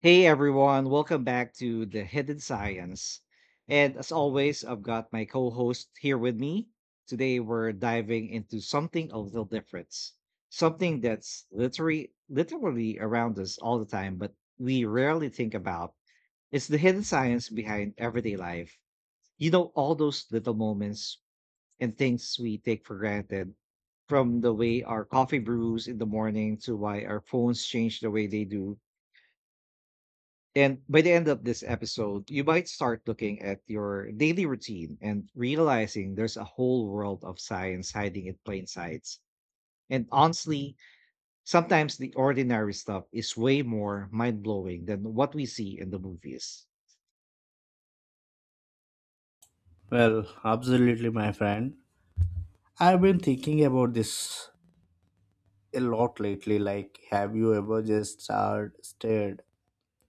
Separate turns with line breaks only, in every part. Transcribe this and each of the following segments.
Hey everyone, welcome back to the Hidden Science. And as always, I've got my co host here with me. Today, we're diving into something a little different, something that's literally around us all the time, but we rarely think about. It's the hidden science behind everyday life. You know, all those little moments and things we take for granted, from the way our coffee brews in the morning to why our phones change the way they do, and by the end of this episode, you might start looking at your daily routine and realizing there's a whole world of science hiding in plain sights. And honestly, sometimes the ordinary stuff is way more mind blowing than what we see in the movies.
Well, absolutely, my friend. I've been thinking about this a lot lately. Like, have you ever just stared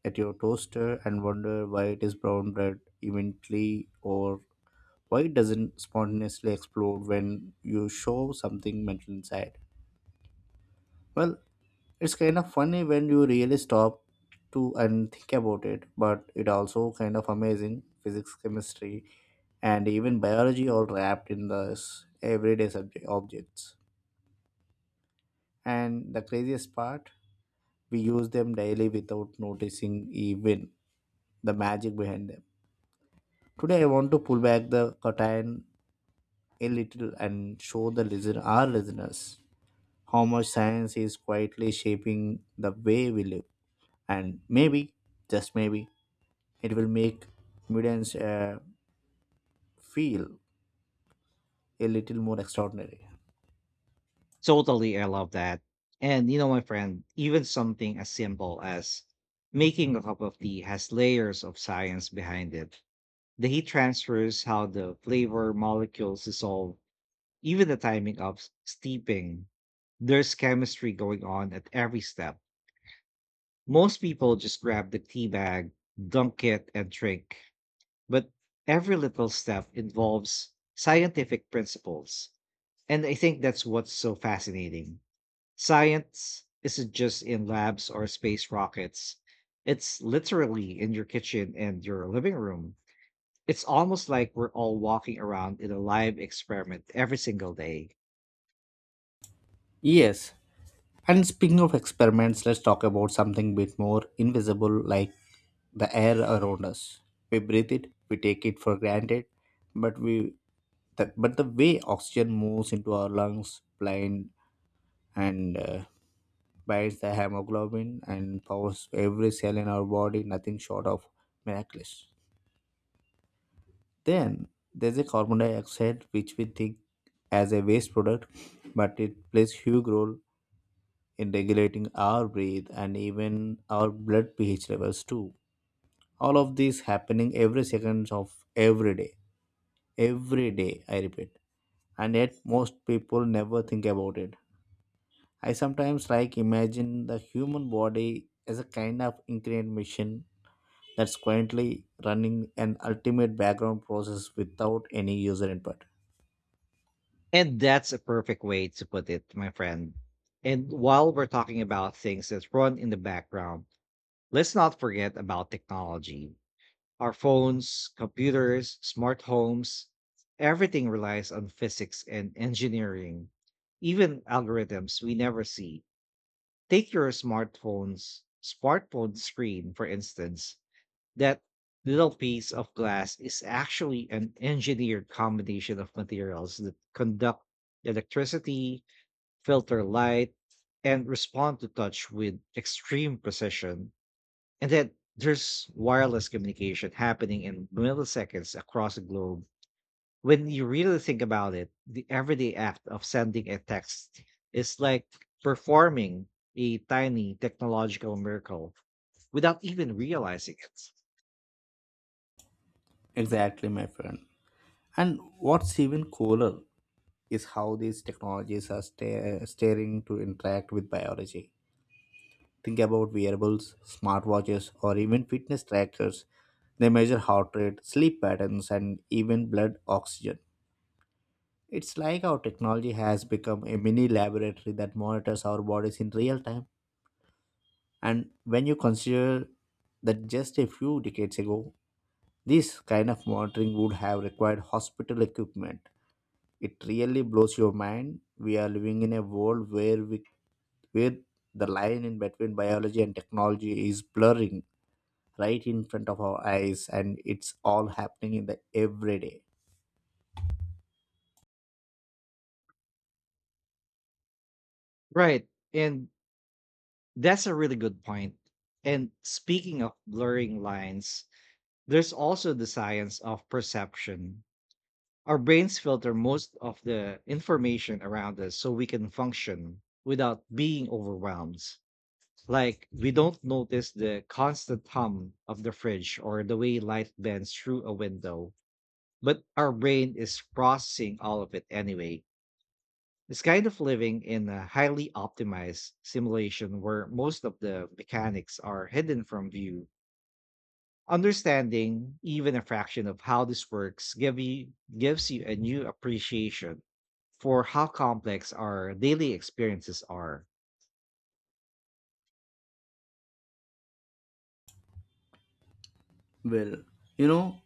at your toaster and wonder why it is brown bread eventually or why it doesn't spontaneously explode when you show something mental inside? Well, it's kind of funny when you really stop to and think about it, but it also kind of amazing physics, chemistry, and even biology all wrapped in this everyday subject objects. And the craziest part, we use them daily without noticing even the magic behind them. Today I want to pull back the curtain a little and show the listener our listeners how much science is quietly shaping the way we live. And maybe, just maybe, it will make Midlands feel a little more extraordinary.
Totally, I love that. And you know, my friend, even something as simple as making a cup of tea has layers of science behind it. The heat transfers, how the flavor molecules dissolve. Even the timing of steeping, there's chemistry going on at every step. Most people just grab the tea bag, dunk it, and drink. But every little step involves scientific principles. And I think that's what's so fascinating. Science isn't just in labs or space rockets, it's literally in your kitchen and your living room. It's almost like we're all walking around in a live experiment every single day.
Yes. And speaking of experiments, let's talk about something bit more invisible, like the air around us. We breathe it, we take it for granted, but the way oxygen moves into our lungs, blind and binds the hemoglobin and powers every cell in our body, nothing short of miraculous. Then there's a carbon dioxide, which we think as a waste product, but it plays huge role in regulating our breath and even our blood pH levels too. All of this happening every second of every day, every day. I repeat, and yet most people never think about it. I sometimes like imagine the human body as a kind of ingrained machine that's quietly running an ultimate background process without any user input.
And that's a perfect way to put it, my friend. And while we're talking about things that run in the background, let's not forget about technology. Our phones, computers, smart homes, everything relies on physics and engineering, even algorithms we never see. Take your smartphone screen, for instance. That little piece of glass is actually an engineered combination of materials that conduct electricity, filter light, and respond to touch with extreme precision. And then there's wireless communication happening in milliseconds across the globe. When you really think about it, the everyday act of sending a text is like performing a tiny technological miracle without even realizing it.
Exactly, my friend. And what's even cooler is how these technologies are staring to interact with biology. Think about wearables, smartwatches, or even fitness trackers. They measure heart rate, sleep patterns, and even blood oxygen. It's like our technology has become a mini laboratory that monitors our bodies in real time. And when you consider that just a few decades ago, this kind of monitoring would have required hospital equipment, it really blows your mind. We are living in a world where we where the line in between biology and technology is blurring right in front of our eyes, and it's all happening in the everyday.
Right. And That's a really good point. And speaking of blurring lines, there's also the science of perception. Our brains filter most of the information around us so we can function without being overwhelmed. Like, we don't notice the constant hum of the fridge or the way light bends through a window, but our brain is processing all of it anyway. It's kind of living in a highly optimized simulation where most of the mechanics are hidden from view. Understanding even a fraction of how this works gives you a new appreciation for how complex our daily experiences are.
Well, you know,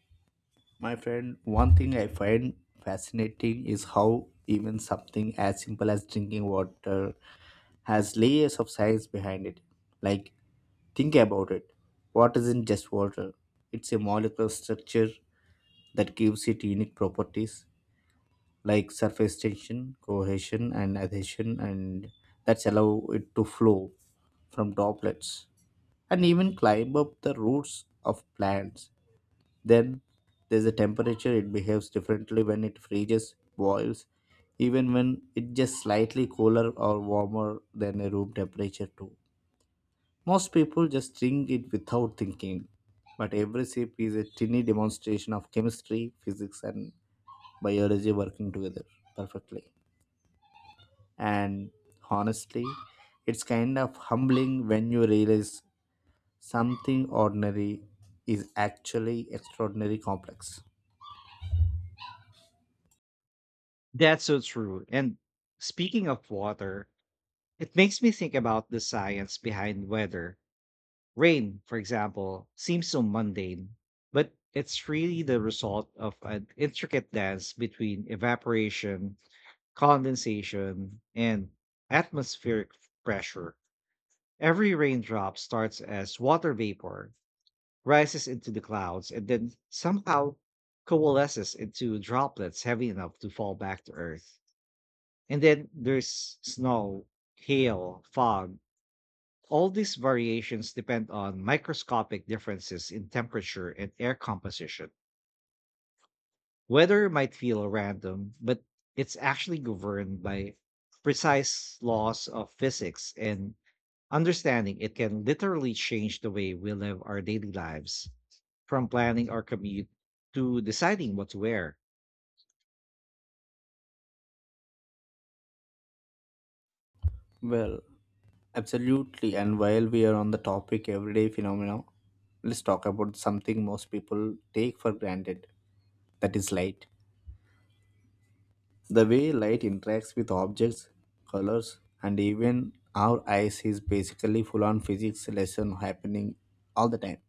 my friend, one thing I find fascinating is how even something as simple as drinking water has layers of science behind it. Like, think about it. Water isn't just water, it's a molecular structure that gives it unique properties like surface tension, cohesion, and adhesion, and that's allow it to flow from droplets and even climb up the roots of plants. Then there's a temperature, it behaves differently when it freezes, boils, even when it's just slightly cooler or warmer than a room temperature, too. Most people just drink it without thinking, but every sip is a tiny demonstration of chemistry, physics, and biology working together perfectly. And honestly, it's kind of humbling when you realize something ordinary is actually extraordinary complex.
That's so true. And speaking of water, it makes me think about the science behind weather. Rain, for example, seems so mundane, but it's really the result of an intricate dance between evaporation, condensation, and atmospheric pressure. Every raindrop starts as water vapor, rises into the clouds, and then somehow coalesces into droplets heavy enough to fall back to earth. And then there's snow, hail, fog, all these variations depend on microscopic differences in temperature and air composition. Weather might feel random, but it's actually governed by precise laws of physics, and understanding it can literally change the way we live our daily lives, from planning our commute to deciding what to wear.
Well, absolutely. And while we are on the topic everyday phenomena, let's talk about something most people take for granted, that is light. The way light interacts with objects, colors, and even our eyes is basically full on physics lesson happening all the time.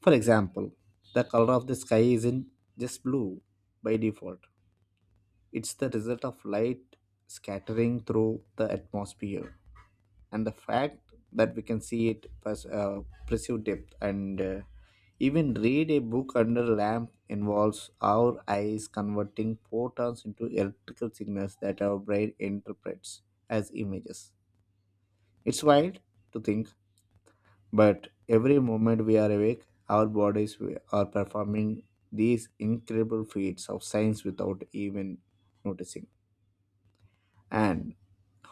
For example, the color of the sky isn't just blue by default, it's the result of light scattering through the atmosphere, and the fact that we can see it perceive depth and even read a book under a lamp involves our eyes converting photons into electrical signals that our brain interprets as images. It's wild to think, but every moment we are awake, our bodies are performing these incredible feats of science without even noticing. And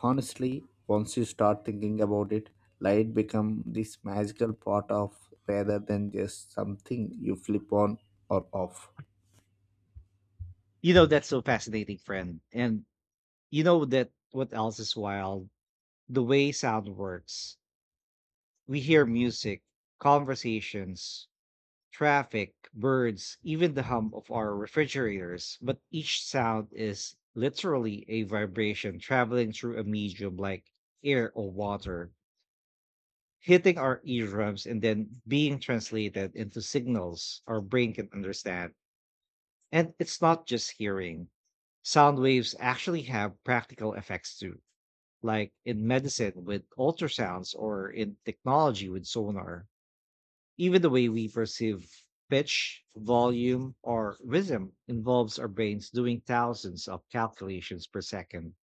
honestly, once you start thinking about it, light become this magical part of rather than just something you flip on or off.
You know, that's so fascinating, friend. And you know that what else is wild? The way sound works. We hear music, conversations, traffic, birds, even the hum of our refrigerators, but each sound is literally a vibration traveling through a medium like air or water, hitting our eardrums and then being translated into signals our brain can understand. And it's not just hearing. Sound waves actually have practical effects too, like in medicine with ultrasounds or in technology with sonar. Even the way we perceive pitch, volume, or rhythm involves our brains doing thousands of calculations per second,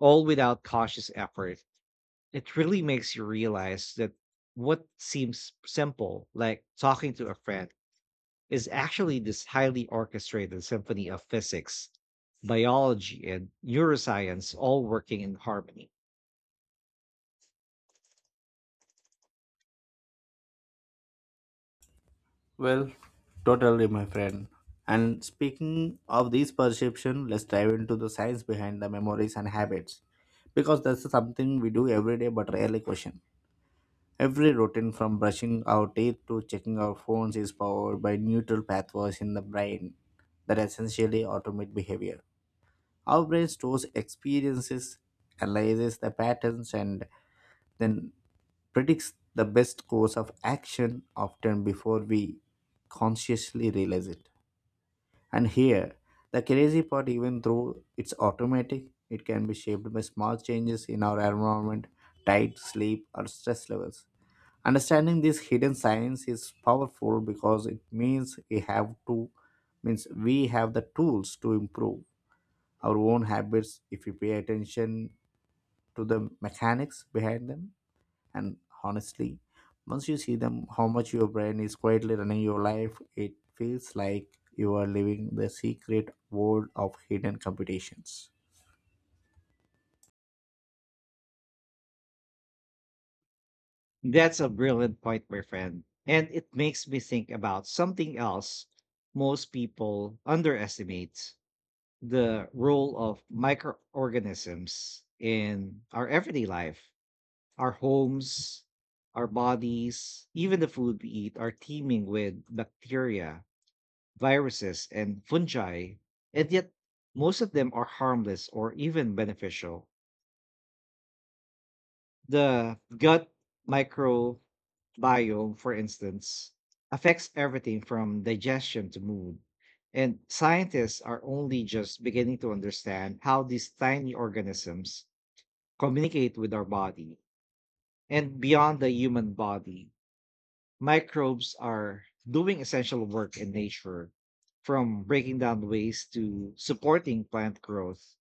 all without conscious effort. It really makes you realize that what seems simple, like talking to a friend, is actually this highly orchestrated symphony of physics, biology, and neuroscience all working in harmony.
Well, totally, my friend. And speaking of this perception, let's dive into the science behind the memories and habits. Because that's something we do every day but rarely question. Every routine from brushing our teeth to checking our phones is powered by neural pathways in the brain that essentially automate behavior. Our brain stores experiences, analyzes the patterns, and then predicts the best course of action often before we consciously realize it. And here, the crazy part, even though it's automatic, it can be shaped by small changes in our environment, diet, sleep, or stress levels. Understanding this hidden science is powerful because it means we have the tools to improve our own habits if we pay attention to the mechanics behind them. And honestly, once you see them how much your brain is quietly running your life, it feels like you are living the secret world of hidden computations.
That's a brilliant point, my friend. And it makes me think about something else most people underestimate: the role of microorganisms in our everyday life. Our homes, our bodies, even the food we eat are teeming with bacteria, viruses, and fungi. And yet, most of them are harmless or even beneficial. The gut micro bio, for instance, affects everything from digestion to mood. And scientists are only just beginning to understand how these tiny organisms communicate with our body. And beyond the human body, microbes are doing essential work in nature, from breaking down waste to supporting plant growth.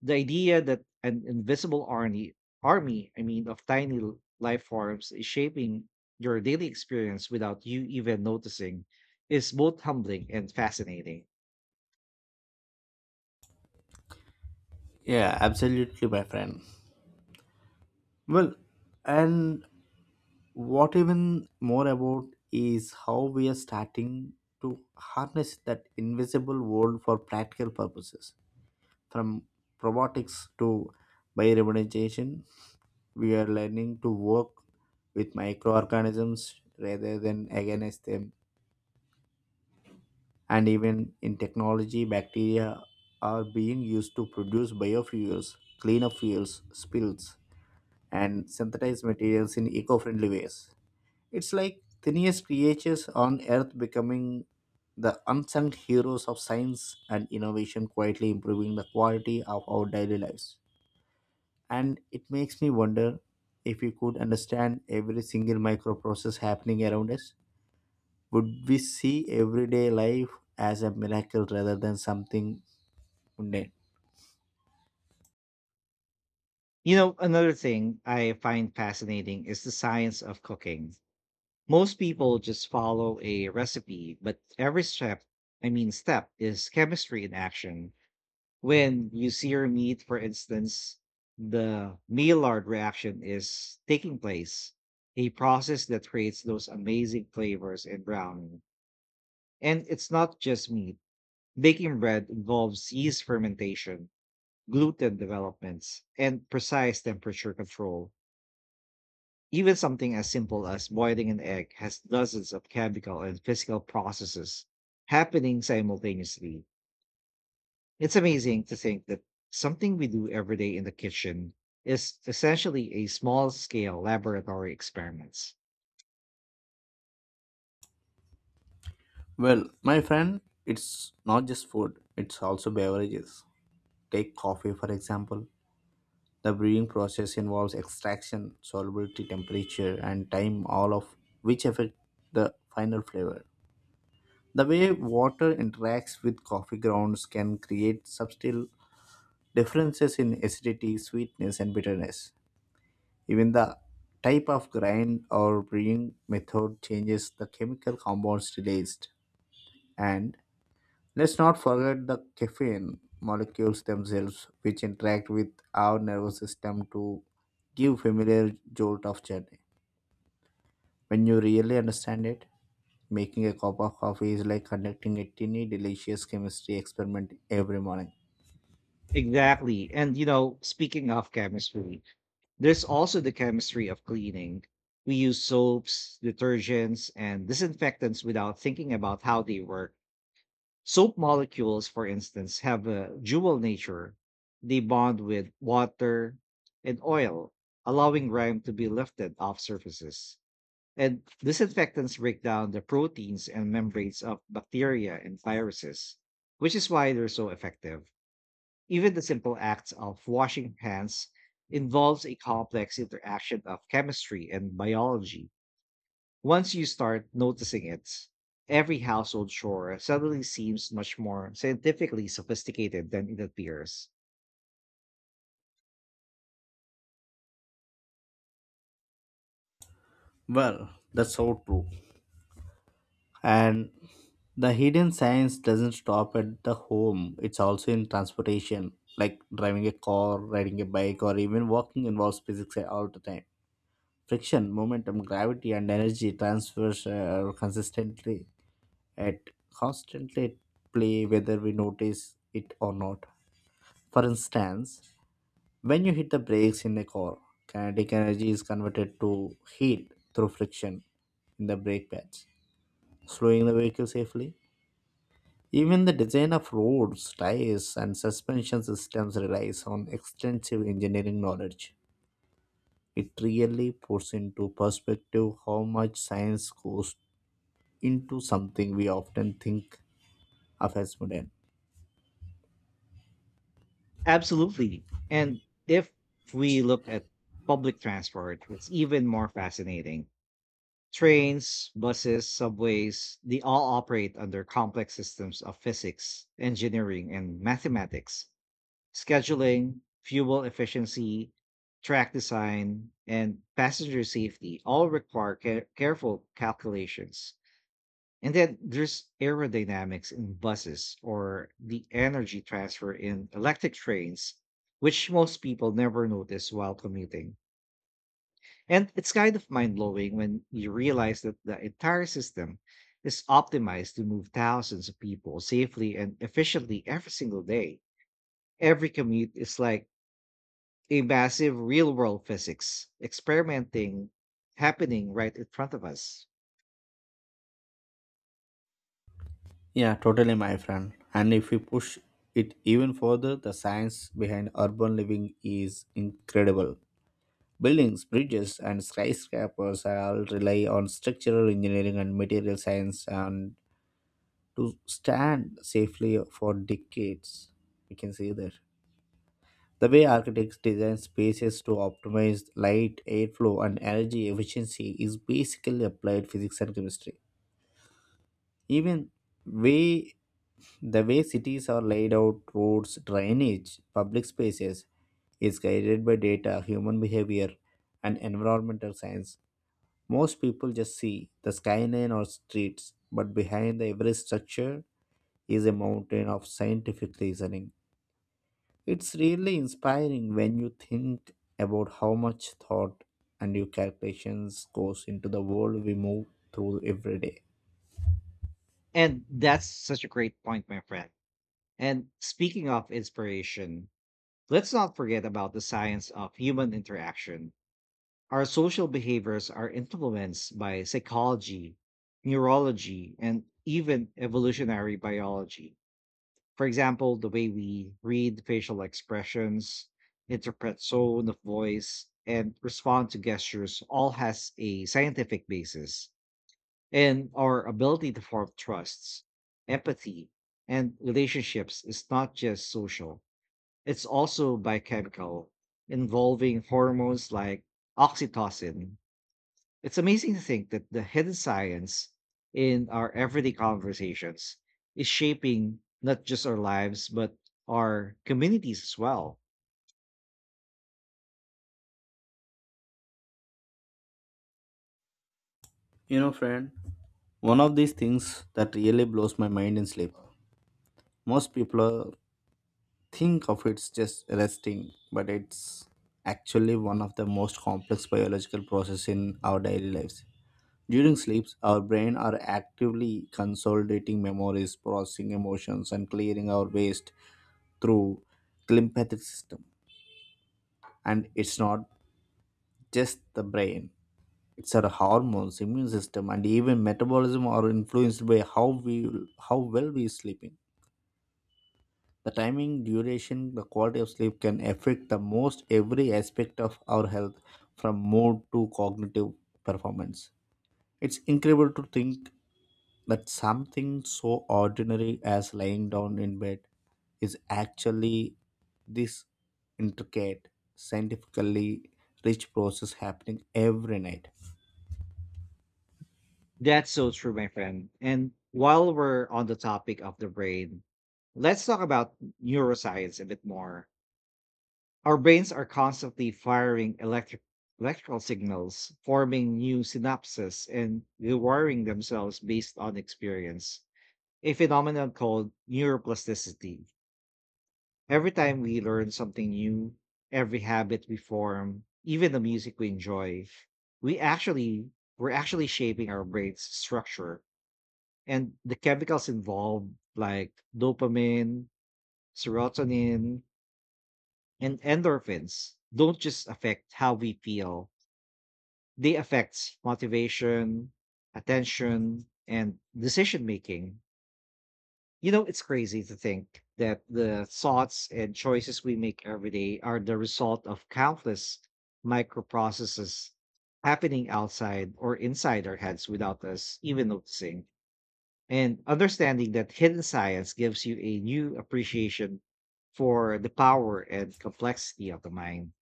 The idea that an invisible army, of tiny life forms is shaping your daily experience without you even noticing is both humbling and fascinating.
Yeah, absolutely, my friend. Well, and what even more about is how we are starting to harness that invisible world for practical purposes. From robotics to biorevolution, we are learning to work with microorganisms rather than against them. And even in technology, bacteria are being used to produce biofuels, cleaner fuels, spills, and synthesize materials in eco friendly ways. It's like tiniest creatures on earth becoming the unsung heroes of science and innovation, quietly improving the quality of our daily lives. And it makes me wonder, if we could understand every single micro process happening around us, would we see everyday life as a miracle rather than something mundane.
You know, another thing I find fascinating is the science of cooking. Most people just follow a recipe, but every step is chemistry in action. When you see your meat, for instance, the Maillard reaction is taking place, a process that creates those amazing flavors in browning. And it's not just meat. Baking bread involves yeast fermentation, gluten developments, and precise temperature control. Even something as simple as boiling an egg has dozens of chemical and physical processes happening simultaneously. It's amazing to think that something we do every day in the kitchen is essentially a small scale laboratory experiments.
Well, my friend, it's not just food, it's also beverages. Take coffee for example. The brewing process involves extraction, solubility, temperature, and time, all of which affect the final flavor. The way water interacts with coffee grounds can create subtle differences in acidity, sweetness, and bitterness. Even the type of grind or brewing method changes the chemical compounds released. And let's not forget the caffeine molecules themselves, which interact with our nervous system to give familiar jolt of journey. When you really understand it, making a cup of coffee is like conducting a tiny, delicious chemistry experiment every morning.
Exactly. And you know, speaking of chemistry, there's also the chemistry of cleaning. We use soaps, detergents, and disinfectants without thinking about how they work. Soap molecules, for instance, have a dual nature. They bond with water and oil, allowing grime to be lifted off surfaces. And disinfectants break down the proteins and membranes of bacteria and viruses, which is why they're so effective. Even the simple act of washing hands involves a complex interaction of chemistry and biology. Once you start noticing it, every household chore suddenly seems much more scientifically sophisticated than it appears.
Well, that's so true. And the hidden science doesn't stop at the home, it's also in transportation. Like driving a car, riding a bike, or even walking involves physics all the time. Friction, momentum, gravity, and energy transfers consistently at constantly at play whether we notice it or not. For instance, when you hit the brakes in a car, kinetic energy is converted to heat through friction in the brake pads, slowing the vehicle safely. Even the design of roads, tires, and suspension systems relies on extensive engineering knowledge. It really puts into perspective how much science goes into something we often think of as modern.
Absolutely. And if we look at public transport, it's even more fascinating. Trains, buses, subways, they all operate under complex systems of physics, engineering, and mathematics, scheduling, fuel efficiency, track design, and passenger safety all require careful calculations. And then there's aerodynamics in buses or the energy transfer in electric trains, which most people never notice while commuting. And it's kind of mind blowing when you realize that the entire system is optimized to move thousands of people safely and efficiently every single day. Every commute is like a massive real world physics experimenting happening right in front of us.
Yeah, totally, my friend. And if we push it even further, the science behind urban living is incredible. Buildings, bridges, and skyscrapers all rely on structural engineering and material science and to stand safely for decades. We can see that. The way architects design spaces to optimize light, airflow, and energy efficiency is basically applied physics and chemistry. Even way the way cities are laid out, roads, drainage, public spaces is guided by data, human behavior, and environmental science. Most people just see the skyline or streets, but behind the every structure is a mountain of scientific reasoning. It's really inspiring when you think about how much thought and your calculations goes into the world we move through every day.
And that's such a great point, my friend. And speaking of inspiration, let's not forget about the science of human interaction. Our social behaviors are influenced by psychology, neurology, and even evolutionary biology. For example, the way we read facial expressions, interpret tone of voice, and respond to gestures all has a scientific basis. And our ability to form trusts, empathy, and relationships is not just social. It's also biochemical, involving hormones like oxytocin. It's amazing to think that the hidden science in our everyday conversations is shaping not just our lives, but our communities as well.
You know, friend, one of these things that really blows my mind in sleep. Most people think of it's just resting, but it's actually one of the most complex biological process in our daily lives. During sleeps, our brain are actively consolidating memories, processing emotions, and clearing our waste through lymphatic system. And it's not just the brain; it's our hormones, immune system, and even metabolism are influenced by how well we sleeping. The timing, duration, the quality of sleep can affect the most every aspect of our health, from mood to cognitive performance. It's incredible to think, but something so ordinary as lying down in bed is actually this intricate, scientifically rich process happening every night.
That's so true, my friend. And while we're on the topic of the brain, let's talk about neuroscience a bit more. Our brains are constantly firing electrical signals, forming new synapses and rewiring themselves based on experience, a phenomenon called neuroplasticity. Every time we learn something new, every habit we form, even the music we enjoy, we actually we're actually shaping our brain's structure. And the chemicals involved like dopamine, serotonin, and endorphins don't just affect how we feel. They affect motivation, attention, and decision making. You know, it's crazy to think that the thoughts and choices we make every day are the result of countless microprocesses happening outside or inside our heads without us even noticing. And understanding that hidden science gives you a new appreciation for the power and complexity of the mind.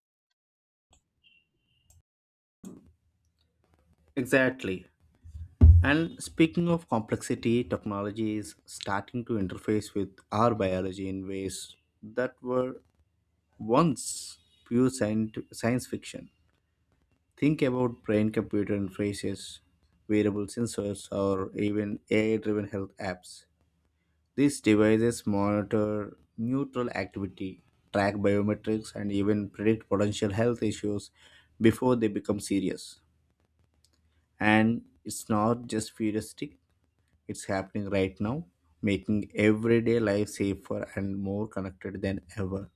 Exactly. And speaking of complexity, technology is starting to interface with our biology in ways that were once pure science fiction. Think about brain computer interfaces, wearable sensors, or even AI driven health apps. These devices monitor neutral activity, track biometrics, and even predict potential health issues before they become serious. And it's not just futuristic, it's happening right now, making everyday life safer and more connected than ever.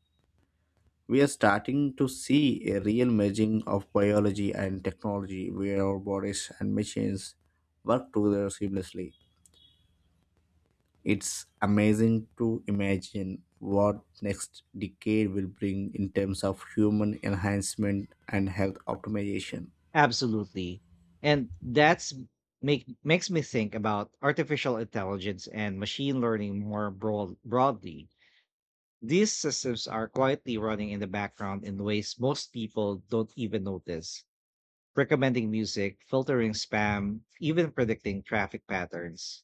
We are starting to see a real merging of biology and technology where our bodies and machines work together seamlessly. It's amazing to imagine what next decade will bring in terms of human enhancement and health optimization.
Absolutely. And that's make makes me think about artificial intelligence and machine learning more broadly. These systems are quietly running in the background in ways most people don't even notice, recommending music, filtering spam, even predicting traffic patterns.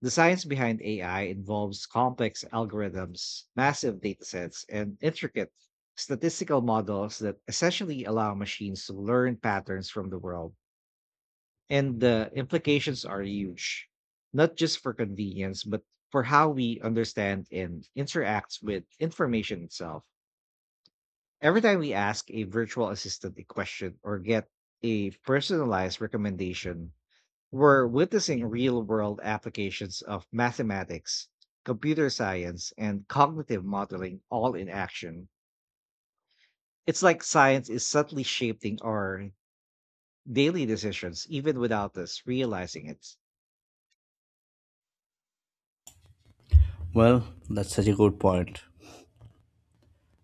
The science behind AI involves complex algorithms, massive datasets, and intricate statistical models that essentially allow machines to learn patterns from the world. And the implications are huge, not just for convenience, but for how we understand and interact with information itself. Every time we ask a virtual assistant a question or get a personalized recommendation, we're witnessing real world applications of mathematics, computer science, and cognitive modeling all in action. It's like science is subtly shaping our daily decisions, even without us realizing it.
Well, that's such a good point.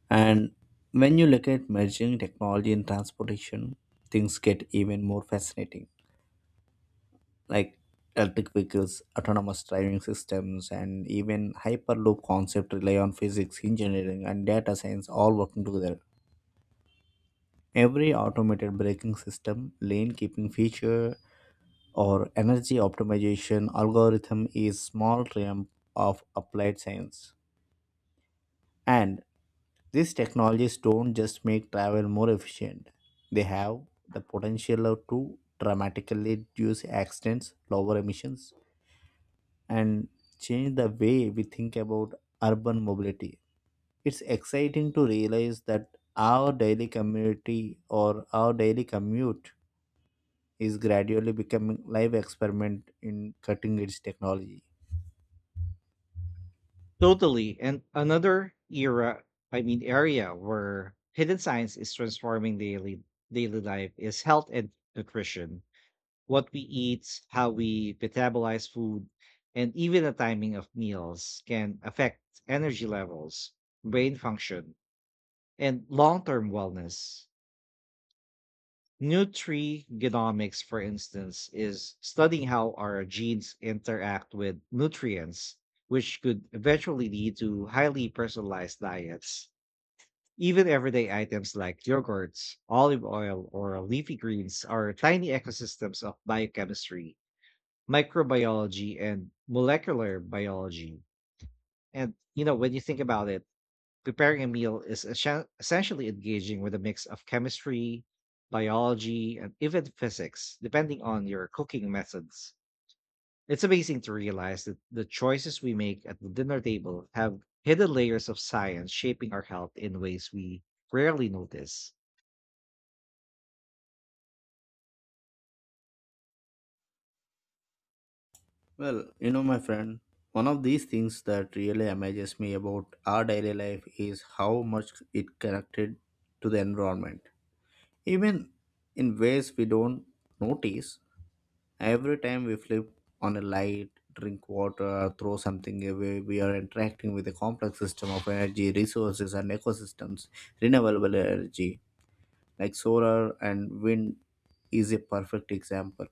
And when you look at merging technology and transportation, things get even more fascinating. Like electric vehicles, autonomous driving systems, and even hyperloop concept rely on physics, engineering, and data science all working together. Every automated braking system, lane keeping feature, or energy optimization algorithm is small realm of applied science. And these technologies don't just make travel more efficient. They have the potential to dramatically reduce accidents, lower emissions, and change the way we think about urban mobility. It's exciting to realize that our daily community or our daily commute is gradually becoming live experiment in cutting edge technology.
Totally. And another area where hidden science is transforming daily life is health and nutrition. What we eat, how we metabolize food, and even the timing of meals can affect energy levels, brain function, and long term wellness. Nutrigenomics, for instance, is studying how our genes interact with nutrients, which could eventually lead to highly personalized diets. Even everyday items like yogurts, olive oil, or leafy greens are tiny ecosystems of biochemistry, microbiology and molecular biology. And you know, when you think about it, preparing a meal is essentially engaging with a mix of chemistry, biology, and even physics, depending on your cooking methods. It's amazing to realize that the choices we make at the dinner table have hidden layers of science shaping our health in ways we rarely notice.
Well, you know, my friend, one of these things that really amazes me about our daily life is how much it connected to the environment. Even in ways we don't notice, every time we flip on a light, drink water, throw something away, we are interacting with a complex system of energy, resources, and ecosystems. Renewable energy, like solar and wind, is a perfect example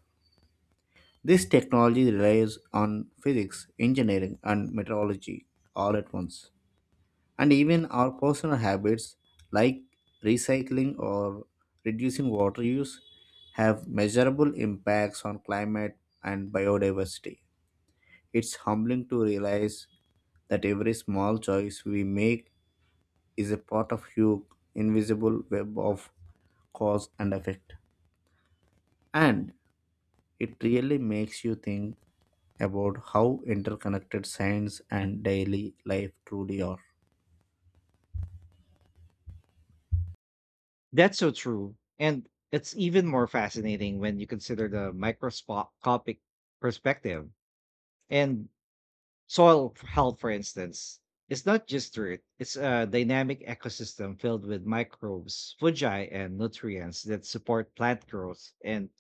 this technology relies on physics, engineering, and meteorology all at once. And even our personal habits, like recycling or reducing water use, have measurable impacts on climate and biodiversity. It's humbling to realize that every small choice we make is a part of huge, invisible web of cause and effect. And it really makes you think about how interconnected science and daily life truly are.
That's so true. And it's even more fascinating when you consider the microscopic perspective. And Soil health, for instance, is not just dirt, it's a dynamic ecosystem filled with microbes, fungi, and nutrients that support plant growth and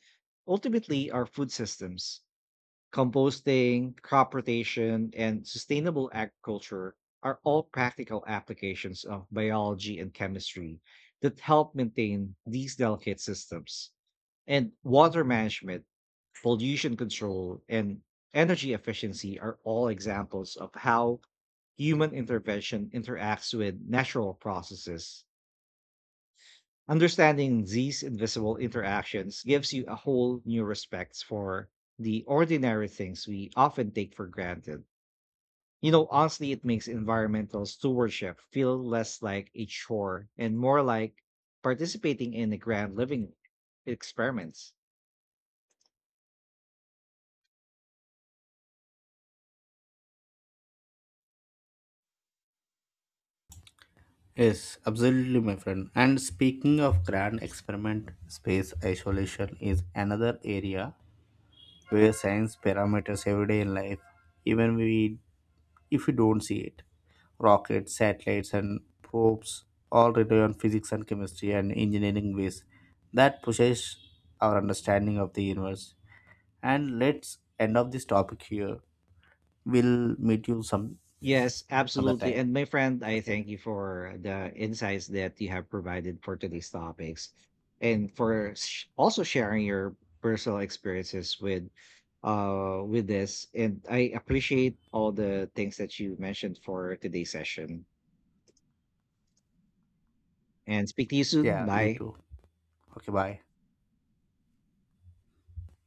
ultimately our food systems. Composting, crop rotation, and sustainable agriculture are all practical applications of biology and chemistry that help maintain these delicate systems. And water management, pollution control, and energy efficiency are all examples of how human intervention interacts with natural processes. Understanding these invisible interactions gives you a whole new respect for the ordinary things we often take for granted. You know, honestly, it makes environmental stewardship feel less like a chore and more like participating in a grand living experiments.
Yes, absolutely, my friend. And speaking of grand experiment, space isolation is another area where science parameters everyday in life, even we if we don't see it. Rockets, satellites, and probes all rely on physics and chemistry and engineering ways that pushes our understanding of the universe. And let's end of this topic here. We'll meet you some
Yes,
other
absolutely.
time.
And my friend, I
Okay.
thank you for the insights that you have provided for today's topics, and for also sharing your personal experiences with this. And I appreciate all the things that you mentioned for today's session. And speak to you soon.
Yeah, you
Bye.
too. Okay, bye.